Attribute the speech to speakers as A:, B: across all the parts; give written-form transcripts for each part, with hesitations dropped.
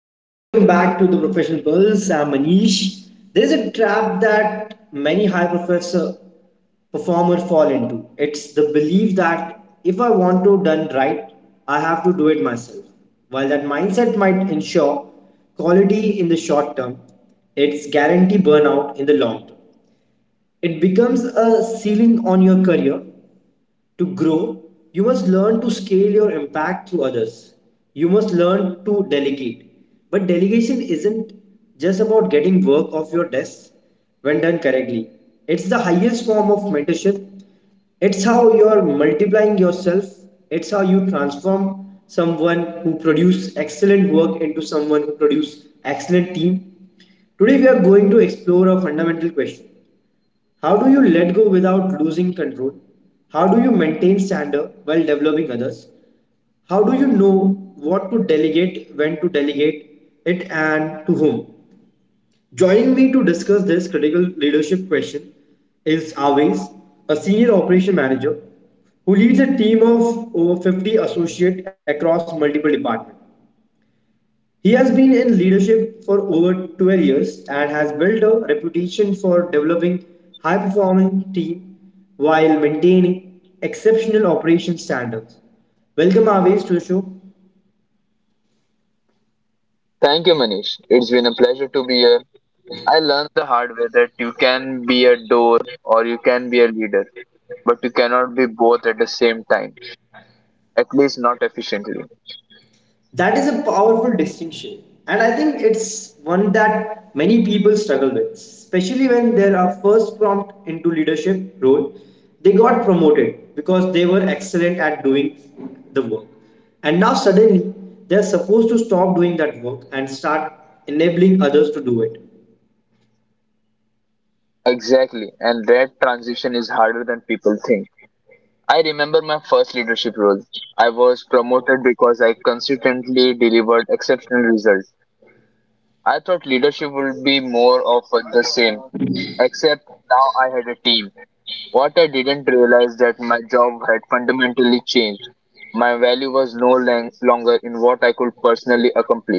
A: Hello and welcome back to the Professional Pulse. I'm Manish. There's a trap that many high professor performers fall into. It's the belief that if I want to done right, I have to do it myself. While that mindset might ensure quality in the short term, it's guarantee burnout in the long term. It becomes a ceiling on your career to grow, you must learn to scale your impact through others. You must learn to delegate. But delegation isn't just about getting work off your desk when done correctly, it's the highest form of mentorship. It's how you're multiplying yourself, it's how you transform someone who produces excellent work into someone who produces excellent team. Today we are going to explore a fundamental question. How do you let go without losing control? How do you maintain standard while developing others? How do you know what to delegate, when to delegate it, and to whom? Joining me to discuss this critical leadership question is Aves, a senior operation manager who leads a team of over 50 associates across multiple departments. He has been in leadership for over 12 years and has built a reputation for developing high performing team while maintaining exceptional operation standards. Welcome Aves to the show.
B: Thank you, Manish. It's been a pleasure to be here. I learned the hard way that you can be a door or you can be a leader, but you cannot be both at the same time, at least not efficiently.
A: That is a powerful distinction. And I think it's one that many people struggle with, especially when they are first prompt into leadership role. They got promoted because they were excellent at doing the work. And now suddenly they're supposed to stop doing that work and start enabling others to do it.
B: Exactly, and that transition is harder than people think. I remember my first leadership role. I was promoted because I consistently delivered exceptional results. I thought leadership would be more of the same, except now I had a team. What I didn't realize that my job had fundamentally changed. My value was no longer in what I could personally accomplish.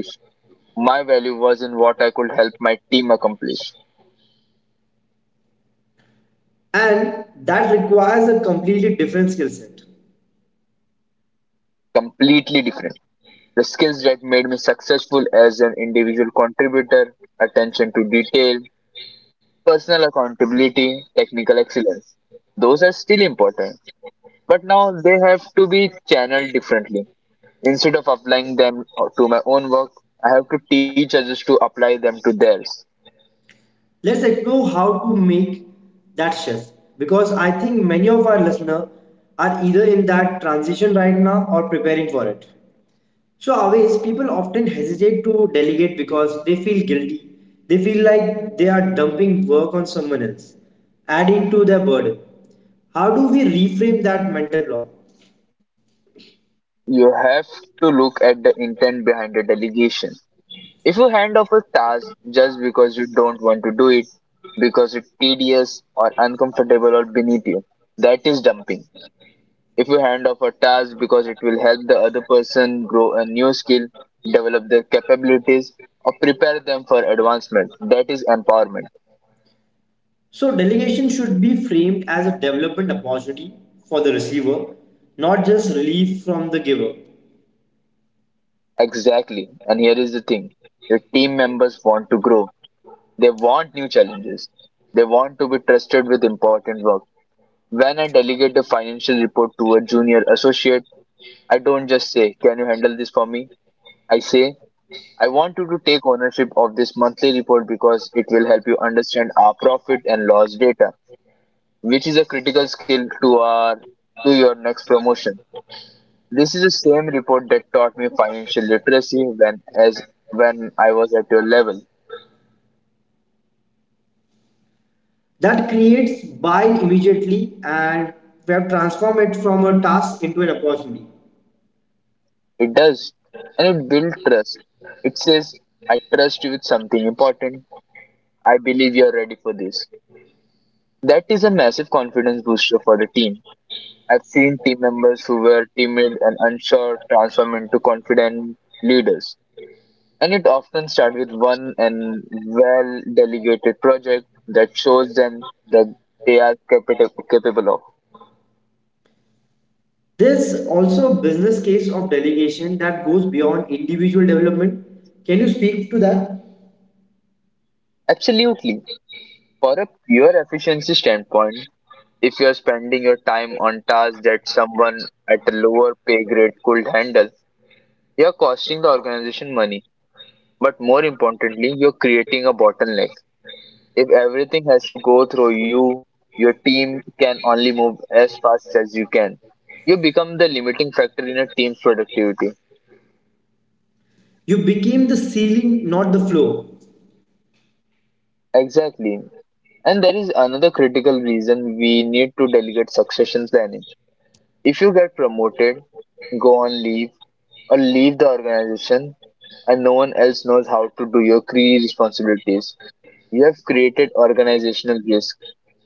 B: My value was in what I could help my team accomplish.
A: And that requires a completely different skill set.
B: Completely different. The skills that made me successful as an individual contributor, attention to detail, personal accountability, technical excellence. Those are still important, but now they have to be channeled differently. Instead of applying them to my own work, I have to teach others to apply them to theirs.
A: Let's explore how to make that shift because I think many of our listeners are either in that transition right now or preparing for it. So, always people often hesitate to delegate because they feel guilty. They feel like they are dumping work on someone else, adding to their burden. How do we reframe that mental block?
B: You have to look at the intent behind the delegation. If you hand off a task just because you don't want to do it, because it's tedious or uncomfortable or beneath you, that is dumping. If you hand off a task because it will help the other person grow a new skill, develop their capabilities, or prepare them for advancement, that is empowerment.
A: So, delegation should be framed as a development opportunity for the receiver, not just relief from the giver.
B: Exactly. And here is the thing, your team members want to grow, they want new challenges. They want to be trusted with important work. When I delegate the financial report to a junior associate, I don't just say, "Can you handle this for me?" I say, "I want you to take ownership of this report because it help you understand our profit and loss data, which is a critical skill to our to your next project. This is the same report that taught me financial literacy as when I was at your level."
A: That creates buy-in immediately and we have transformed it from a task into an opportunity.
B: It does. And it builds trust. It says, "I trust you important. I believe you're ready for this. That is a massive confidence booster for the I've seen team members who were timid and unsure transform into confident leaders. And it often starts with one and well delegated project that shows them that they are capable, capable of."
A: There's also a business case of delegation that goes beyond individual development, can you speak to that?
B: Absolutely. For a pure efficiency standpoint, if you're spending your time on tasks that at a lower pay grade could handle, you're costing the organization money. But more importantly, you're creating a bottleneck. If everything has to go through you, the team can only move as fast. You become the limiting factor in a team's productivity.
A: You became the ceiling, not the floor.
B: Exactly. And there is another critical reason we need to delegate and planning. If you get promoted, go on leave, or leave the organization, and no one else knows how to do your key responsibility. You have created organizational risk.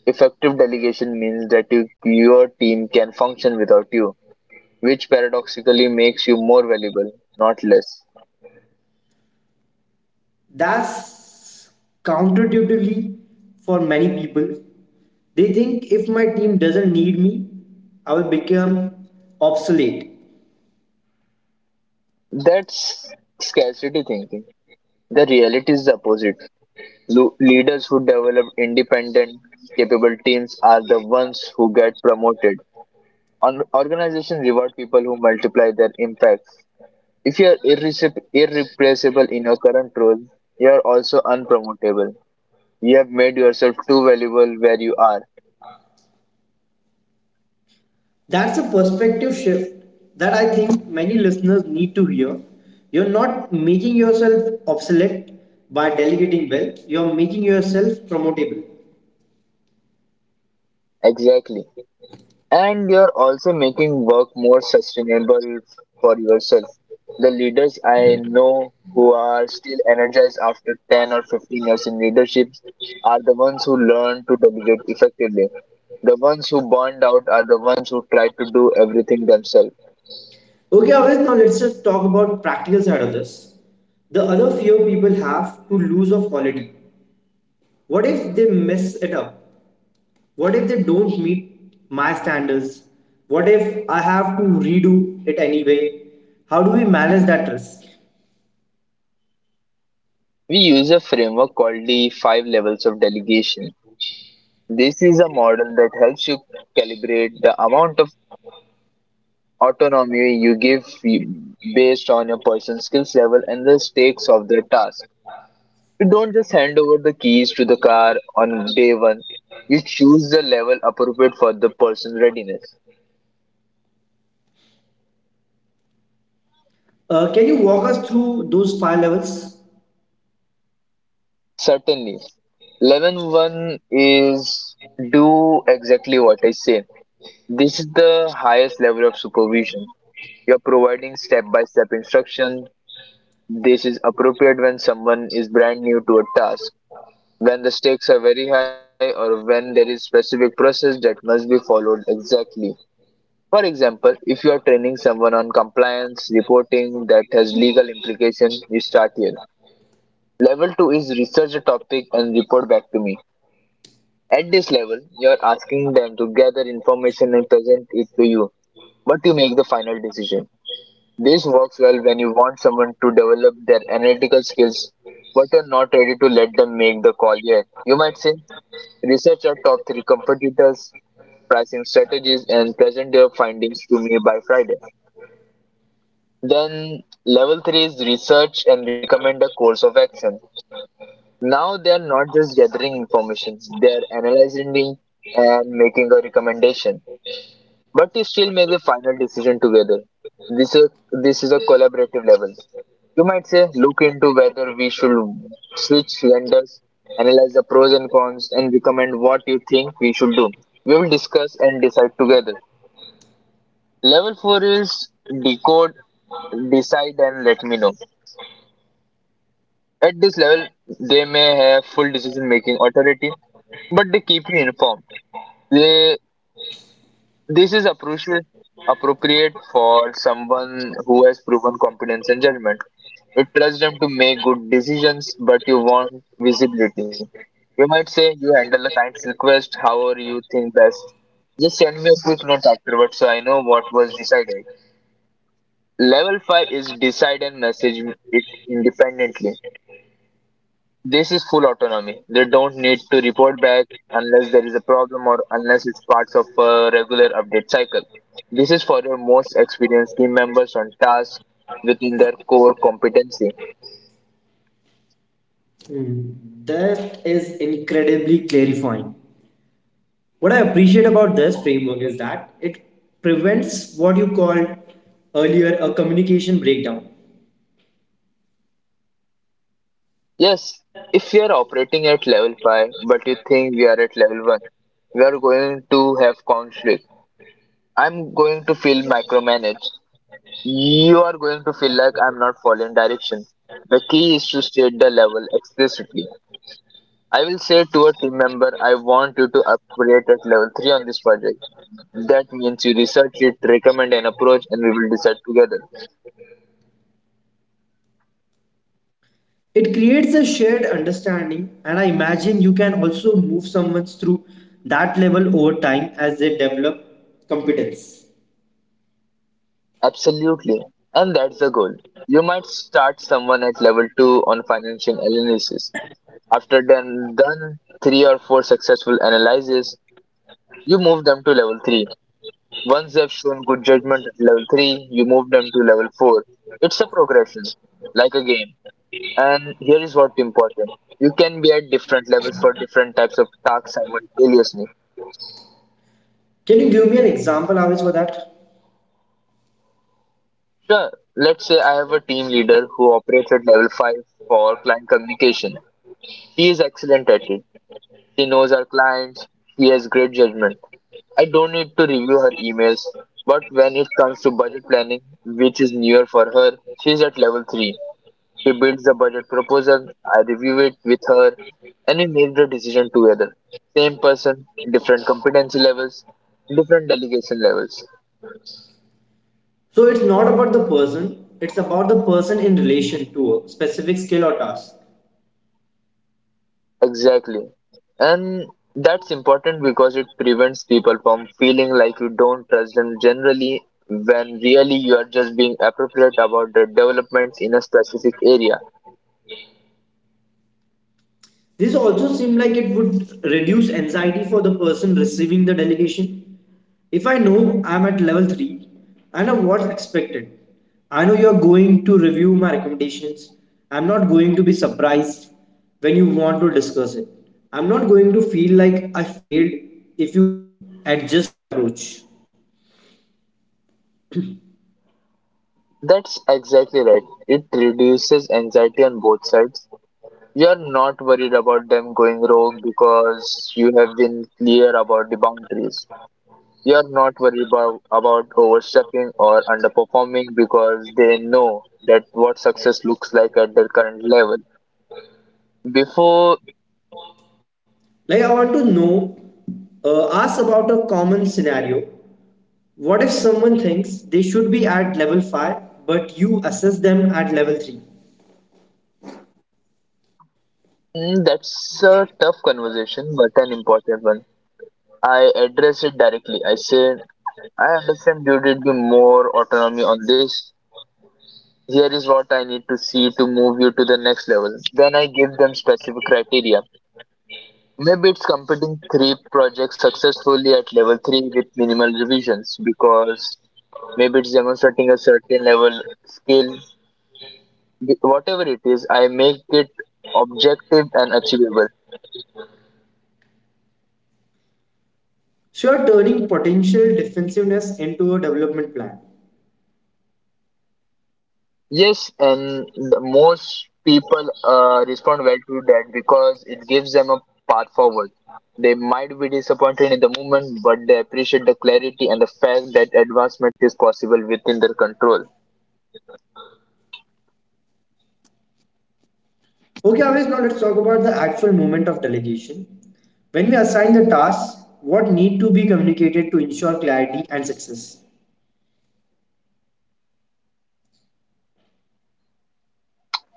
B: Effective delegation means that you, your team can function without you, which paradoxically makes you more valuable, not less.
A: That's counterintuitively for many people, they think if my team doesn't need me, I will become obsolete.
B: That's scarcity thing. The reality is the opposite. Leaders who develop independent, capable teams are the ones who get promoted. An organization reward people who multiply their impact. If you are irreplaceable in your current role, you are also unpromotable. You have made yourself too valuable where you are.
A: That's a perspective shift that I think many listeners need to hear. You're not making yourself obsolete by delegating well, you're making yourself promotable.
B: Exactly. And you are also making work more sustainable for yourself. The leaders I know who are still energized after or 15 years in leaderships are the ones who learn to delegate effectively. The ones who burned out are the ones who try to do everything themselves.
A: Okay, Avis, now let's just talk about practical side of this. The other fear people have to lose of quality. What if they mess it up? What if they don't meet my standards? What if I have to redo it anyway? How do we manage that risk?
B: We use a framework called the five levels of delegation. This is a model that helps you calibrate the amount of autonomy you give based on your personal level and the stakes of the. You don't just hand over the keys to the car on day one. You choose the level appropriate for the.
A: Can you walk us through those five levels?
B: Certainly, level one is "Do exactly what I say." This is the highest level of supervision. You're providing step by step instruction. This is appropriate when someone is brand new to a task, when the stakes are very high, or when there is specific process that must be followed exactly. For example, if you are training someone on compliance reporting that has legal implication, you start here. Level 2 is research the topic and report back to me. At this level, you are asking them to gather information and present it to you, but you make the final decision. This works well when you want someone to develop their analytical skills, but are not ready to let them make the call yet. You might say, "Research our top three competitors, pricing strategies, and present your findings to me by Friday." Then, level three is research and recommend a course of action. Now they are not just gathering information; they are analyzing it and making a recommendation, but you still make the final decision together. This is a collaborative level. You might say, "Look into whether we should switch vendors, analyze the pros and cons, and recommend what you think we should do. We will discuss and decide together." Level four is decode, decide, and let me know. At this level, they may have full decision making authority, but they keep you informed. They This is appropriate for someone who has proven competence and judgment. You trust them to make good decisions, but you want visibility. You might say, "You handle a client's request however you think best. Just send me a quick note afterwards so I know what was decided." Level 5 is decide and message it independently. This is full autonomy. They don't need to report back unless there is a problem or unless it's parts of a regular update cycle. This is for your most experienced team members on tasks within their core competency.
A: Mm, That is incredibly clarifying. What I appreciate about this framework is that it prevents what you called earlier a communication breakdown.
B: Yes, if you are operating at level 5 but you think we are at level 1, we are going to have conflict. I'm going to feel micromanaged. You are going to feel like I'm not following direction. The key is to state the level explicitly. I will say to a team member, "I want you to operate at level 3 on this project. That means you research it, recommend an approach, and we will decide together."
A: It creates a shared understanding, and I imagine you can also move someone through that level over time as they develop competence.
B: Absolutely. And that's the goal. You might start someone at level 2 on financial analysis. After then done 3 or 4 successful analyses, you move them to level 3. Once they have shown good judgment at level 3, you move them to level 4. It's a progression, like a game. And here is what's important. You can be at different levels for different types of tasks simultaneously.
A: Can you give me an example, Avis, for that?
B: Sure, let's say I have a team leader who operates at level 5 for client communication. She is excellent at it. She knows our clients. She has great judgment. I don't need to review her emails. When it comes to budget planning, which is newer for her, she's at level 3. She builds the budget proposal. I review it with her and we make the decision together. Same person, different delegation levels.
A: So it's not about the person, it's about the person in relation to a specific skill or task.
B: Exactly. And that's important because it prevents people from feeling like you don't trust them generally when really you are just being appropriate about the developments in a specific area.
A: This also seemed like it would reduce anxiety for the person receiving the delegation. If I know I'm at level 3, I know what's expected. I know you're going to review my recommendations. I'm not going to be surprised when you want to discuss it. I'm not going to feel like I failed if you adjust my approach.
B: That's exactly right. It reduces anxiety on both sides. You are not worried about them going wrong because you have been clear about the boundaries. You are not worried about, overstepping or underperforming because they know that what success looks like at their current level before,
A: Like, I want to know, ask about a common scenario. What if someone thinks they should be at level 5 but you assess them at level 3?
B: mm, that's a tough conversation, but an important one. I address it directly. I say, "I understand you did be more autonomy on this. Here is what I need to see to move you to the next level." Then I give them specific criteria. Maybe it's completing three projects successfully at level three with minimal revisions, because maybe it's demonstrating a certain level skill. Whatever it is, I make it objective and achievable.
A: So you're turning potential defensiveness into a development plan.
B: Yes, and the most people respond well to that because it gives them a path forward. They might be disappointed in the moment, but they appreciate the clarity and the fact that advancement is possible within their control.
A: Okay, Avesh, now let's talk about the actual moment of delegation. When we assign the tasks, what need to be communicated to ensure clarity and success?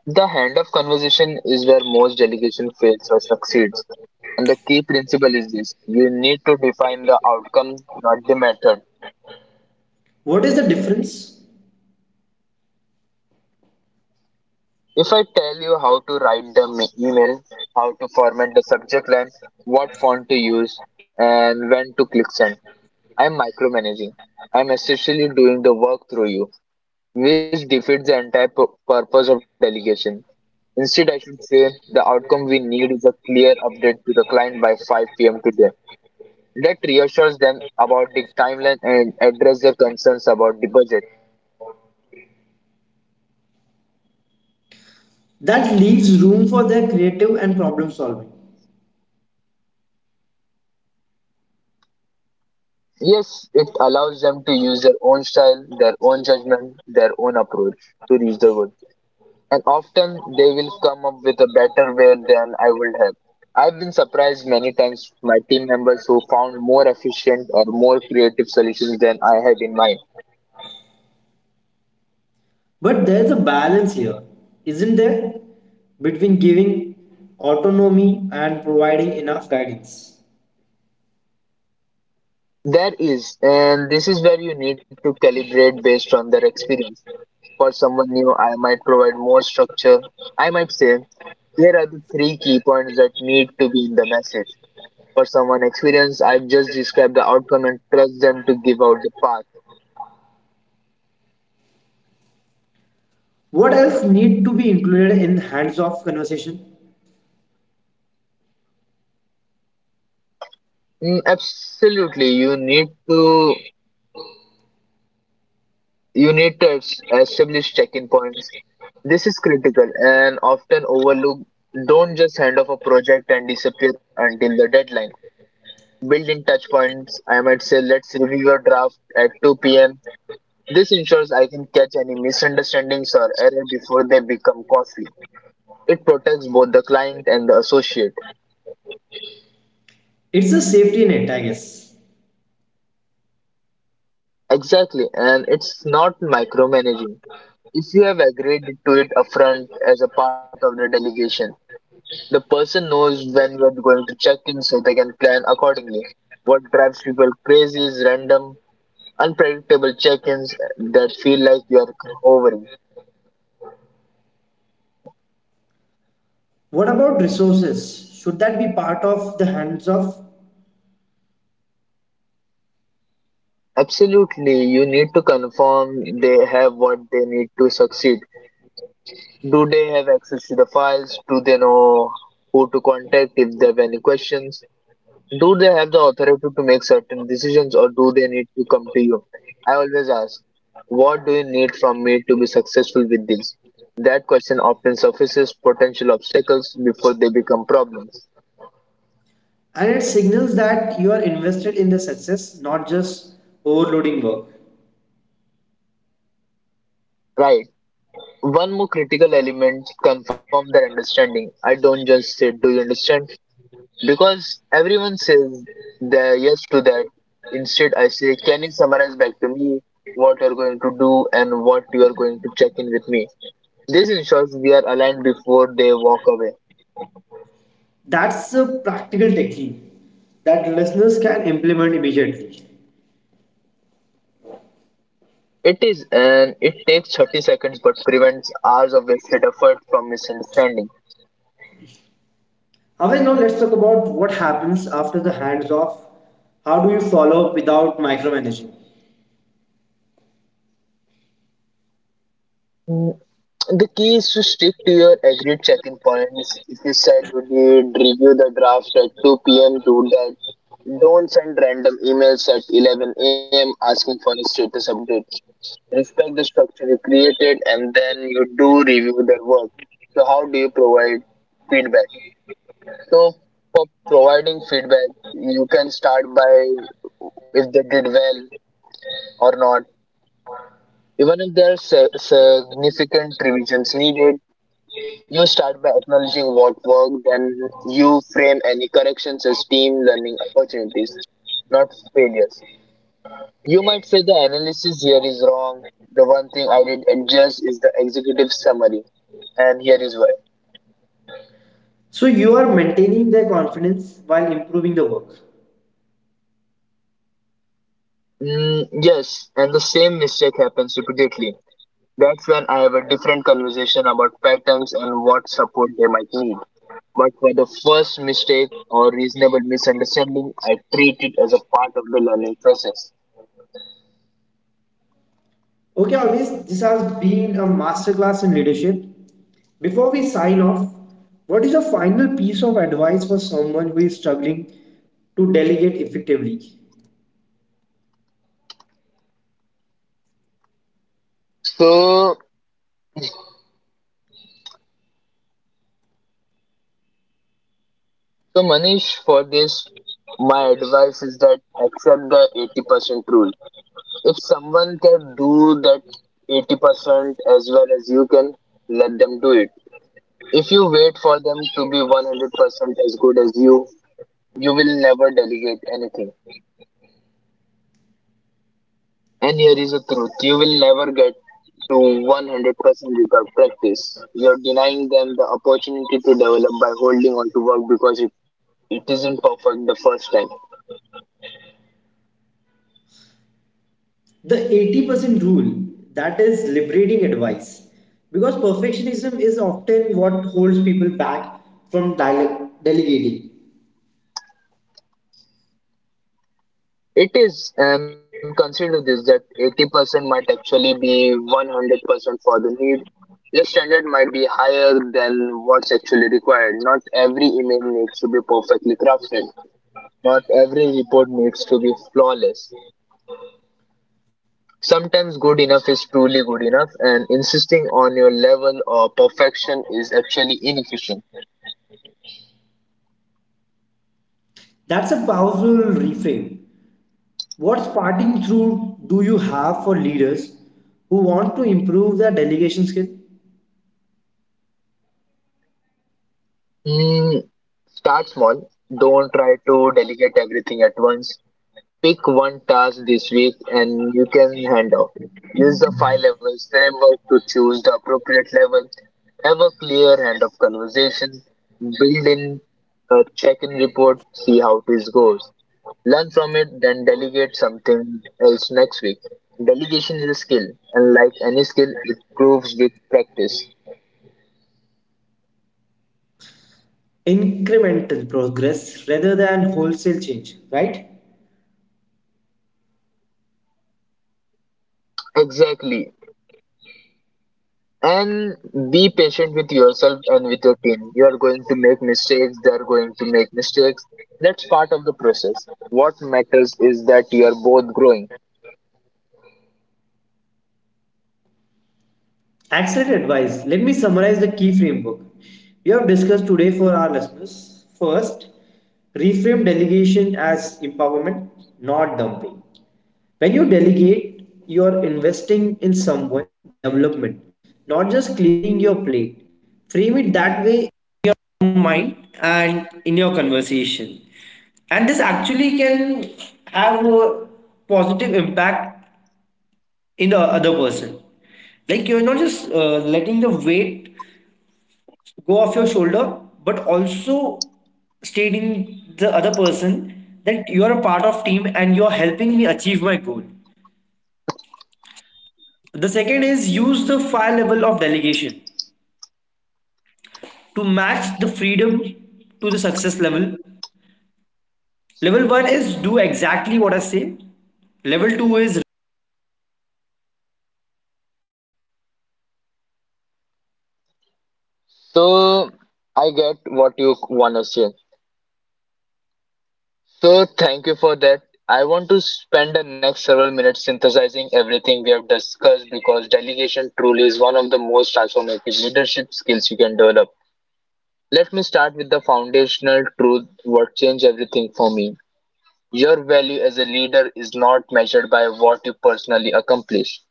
B: The hand of conversation is where most delegation fails or succeeds. The key principle is you need to define the outcome, not the matter.
A: What is the difference?
B: If I tell you how to write the email, how to format the subject line, what font to use, and when to click send, I'm micromanaging. I'm essentially doing the work through you, which defeats the entire purpose of delegation. Instead, I should say the outcome we need is a clear update to the client by 5 p.m. today. That reassures them about the timeline and address their concerns about the budget.
A: That leaves room for their creative and problem solving.
B: Yes, it allows them to use their own style, their own judgment, their own approach to reach the goal. And often they will come up with a better way than I would have. I've been surprised many times my team members who found more efficient or more creative solutions than I had in mind.
A: But there's a balance here, isn't there? Between giving autonomy and providing enough guidance.
B: There is, and this is where you need to calibrate based on their experience. For someone new, I might provide more structure. I might say, here are the three key points that need to be in the for someone experienced I just describe the outcome and trust them to give out the path.
A: What else need to be included in hands-off conversation?
B: Absolutely you need to establish check-in points. This is critical and often overlooked. Don't just hand off a project and disappear until the deadline. Build in touch points. I might say, let's review your draft at 2 p.m. This ensures I can catch any misunderstandings or error before they become costly. It protects both the client and the associate.
A: It's a safety net, I guess.
B: Exactly, and it's not micromanaging. If you have agreed to it upfront as a part of the delegation, person knows when you're going to check in so they can plan accordingly. What drives people crazy is random, unpredictable check ins feel like you're overing.
A: What about resources? Should that be part of the hands-off?
B: Absolutely, you need to confirm they have what they need to succeed. Do they have access to the files? Do they know who to contact if they have any questions? Do they have the authority to make certain decisions or do they need to come to you? I always ask, what do you need from me to be successful with this? That question often surfaces potential obstacles before they become problems.
A: And it signals that you are invested in the success, not just overloading work.
B: Right. One more critical element confirm their understanding. I don't just say, do you understand? Because everyone says the yes to that. Instead, I say, can you summarize back to me what you're going to do and what you're going to check in with me? This ensures we are aligned before they walk away.
A: That's a practical technique that listeners can implement immediately.
B: It is an it takes 30 seconds but prevents hours of wasted effort from misunderstanding.
A: Away now, let's talk about what happens after the hands off. How do you follow up without micromanaging?
B: Mm, The key is to stick to your end point. If you said you did review the draft at 2 p.m., do that. Don't send random emails at 11 a.m. asking for a status update. Respect the structure you created and then you do review their work. So, how do you provide feedback? So, for providing feedback, start by if they did well or not. Even if there are significant revisions needed, you start by acknowledging what worked and you frame any corrections as team learning, not failures. You might say the analysis here is wrong. The one thing I did adjust is the executive summary, and here is why.
A: So you are maintaining their confidence while improving the work.
B: Yes, and the same mistake happens to. That's when I have a different conversation about pattern and what support they might. But for the first mistake or reasonable misunderstanding, I treat it as process.
A: Okay, always this has been a masterclass in leadership. Before we sign off, what is your final piece of advice for someone who is struggling to delegate effectively?
B: So, so Manish, for this, my advice is that accept the 80% rule. If someone can do that 80% as well as you can, let them do it. If you wait for them to be 100% as good as you, you will never delegate anything. And here is the truth you will never get to 100% without practice. You're denying them the opportunity to develop by holding on to work because it isn't perfect the first time.
A: The 80% rule, that is liberating advice because perfectionism is often what holds people back from delegating.
B: It is, and consider this that 80% might actually be 100% for the need. Your standard might be higher than what's actually required. Not every email needs to be perfectly crafted. Not every report needs to be flawless. Sometimes good enough is truly good enough, and insisting on your level of perfection is actually inefficient.
A: That's a powerful reframe. What parting through do you have for leaders who want to improve their delegation skill?
B: Hmm, start small. Don't try to delegate everything at once. Pick one task this week and you can handle. Use the five levels framework to choose the appropriate level. Have a clear hand of conversation. Build in a check in report. See how this goes. Learn from it, then delegate something else next week. Delegation is a skill, and like any skill, it improves with practice.
A: Incremental progress rather than wholesale change, right?
B: Exactly. And be patient with yourself and with your team. You are going to make mistakes, they are going to make mistakes. That's part of the process. What matters is that you are both growing.
A: Excellent advice. Let me summarize the key framework we have discussed today for our listeners. First, reframe delegation as empowerment, not dumping. When you delegate, you are investing in someone development, not just clearing your plate. Frame it that way.
B: So, I get what you want to say. So, thank you for that. I want to spend the next several minutes synthesizing everything we have discussed because delegation truly is one of the most transformative leadership skills you can develop. Let me start with the foundational truth what changed everything for me. Your value as a leader is not measured by what you personally accomplish.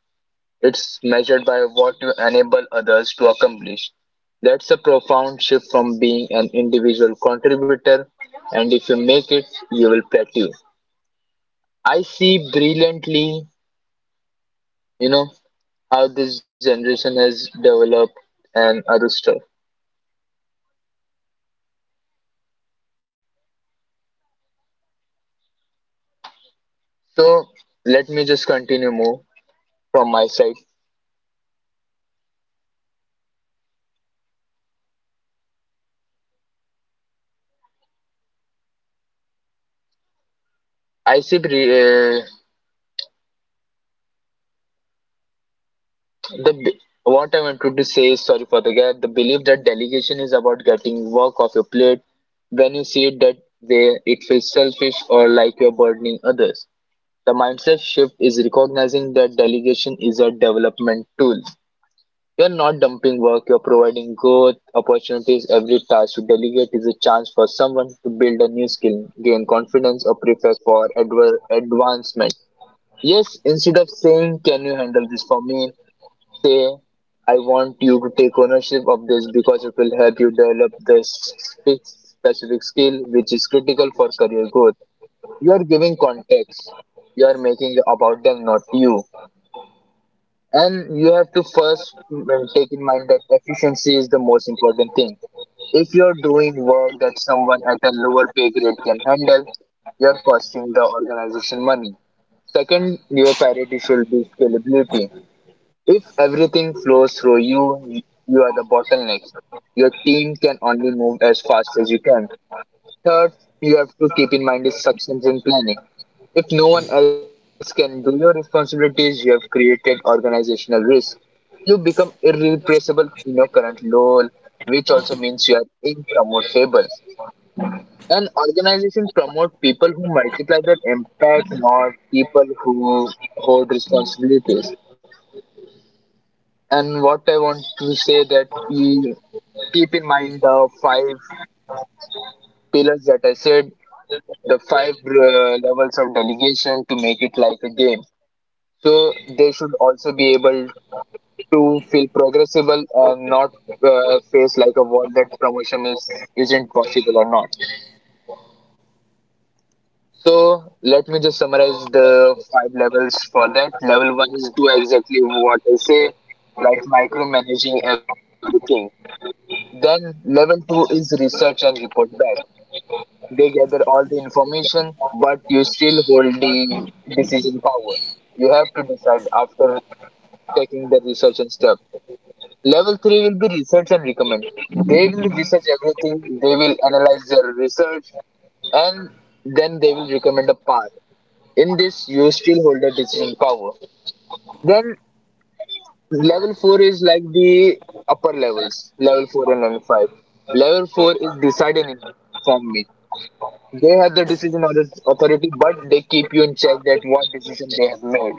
B: It's measured by what you enable others to accomplish. That's a profound shift from being an individual contributor, and if you make it, you will plateau. I see brilliantly, you know, how this generation has developed and other stuff. So let me just continue more from my side. I see bri- uh, what I wanted to say is sorry for the gap. The belief that delegation is about getting work off your plate. When you see it that way, it feels selfish or like you're burdening others. The mindset shift is recognizing that delegation is a development tool. You're not dumping work, you're providing growth opportunities. Every task you delegate is a chance for someone to build a new skill, gain confidence, or prepare for advancement. Yes, instead of saying, can you handle this for me? Say, I want you to take ownership of this because it will help you develop this specific skill which is critical for career growth. You are giving context, you are making it about them, not you. And you have to first take in mind that efficiency is the most important thing. If you're doing work that someone at a lower pay grade can handle, you're costing the organization money. Second, your priority should be scalability. If everything flows through you, you are the bottleneck. Your team can only move as fast as you can. Third, you have to keep in mind is and planning. If no one else can do your responsibilities, you have created organizational risk. You become irreplaceable in your current role, which also means you are impromotable. An organization promotes people who multiply their impact, not people who hold responsibilities. And what I want to say that we keep in mind the five pillars that I said, the five levels of delegation to make it like a game. So they should also be able to feel progressible and not face like a wall that promotion is isn't possible or not. So let me just summarize the five levels for that. Level one is do exactly what I say, like micromanaging everything. Then level 2 is research and report back. They gather all the information, but you still hold the decision power. You have to decide after taking the research and stuff. Level 3 will be research and recommend. They will research everything, they will analyze their research, and then they will recommend a path. In this, you still hold the decision power. Then level 4 is like the upper levels, level 4 and level 5. Level 4 is decide and inform me. They have the decision or authority, but they keep you in check that what decision they have made.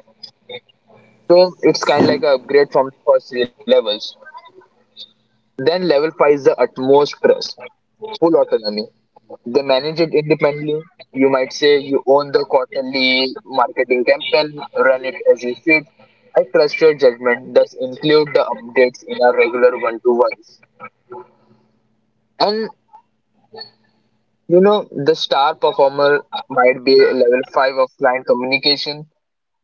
B: So it's kind of like a upgrade from the first three levels. Then level five is the utmost trust, full autonomy. They manage it independently. You might say you own the quarterly marketing campaign, run it as you fit. I trust your judgment, thus include the updates in our regular one-to-ones. And you know, the star performer might be level five of client communication.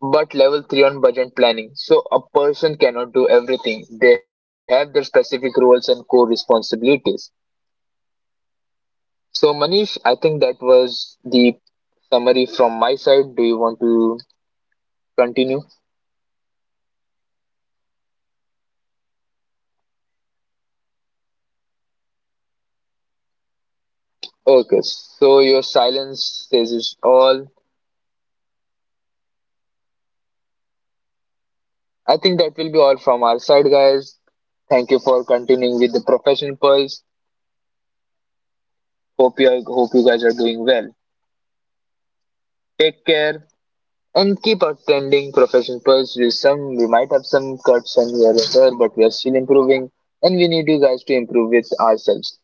B: But level 3 on budget planning. So a person cannot do everything. They have their specific roles and core responsibilities. So Manish, I think that was the summary from my side. Do you want to continue? Okay, so your silence says it all. I think that will be all from our side, guys. Thank you for continuing with the professional pulse. Hope you guys are doing well. Take care, and keep attending professional pursuits. Some we might have some cuts and here and there, but we are still improving, and we need you guys to improve with ourselves.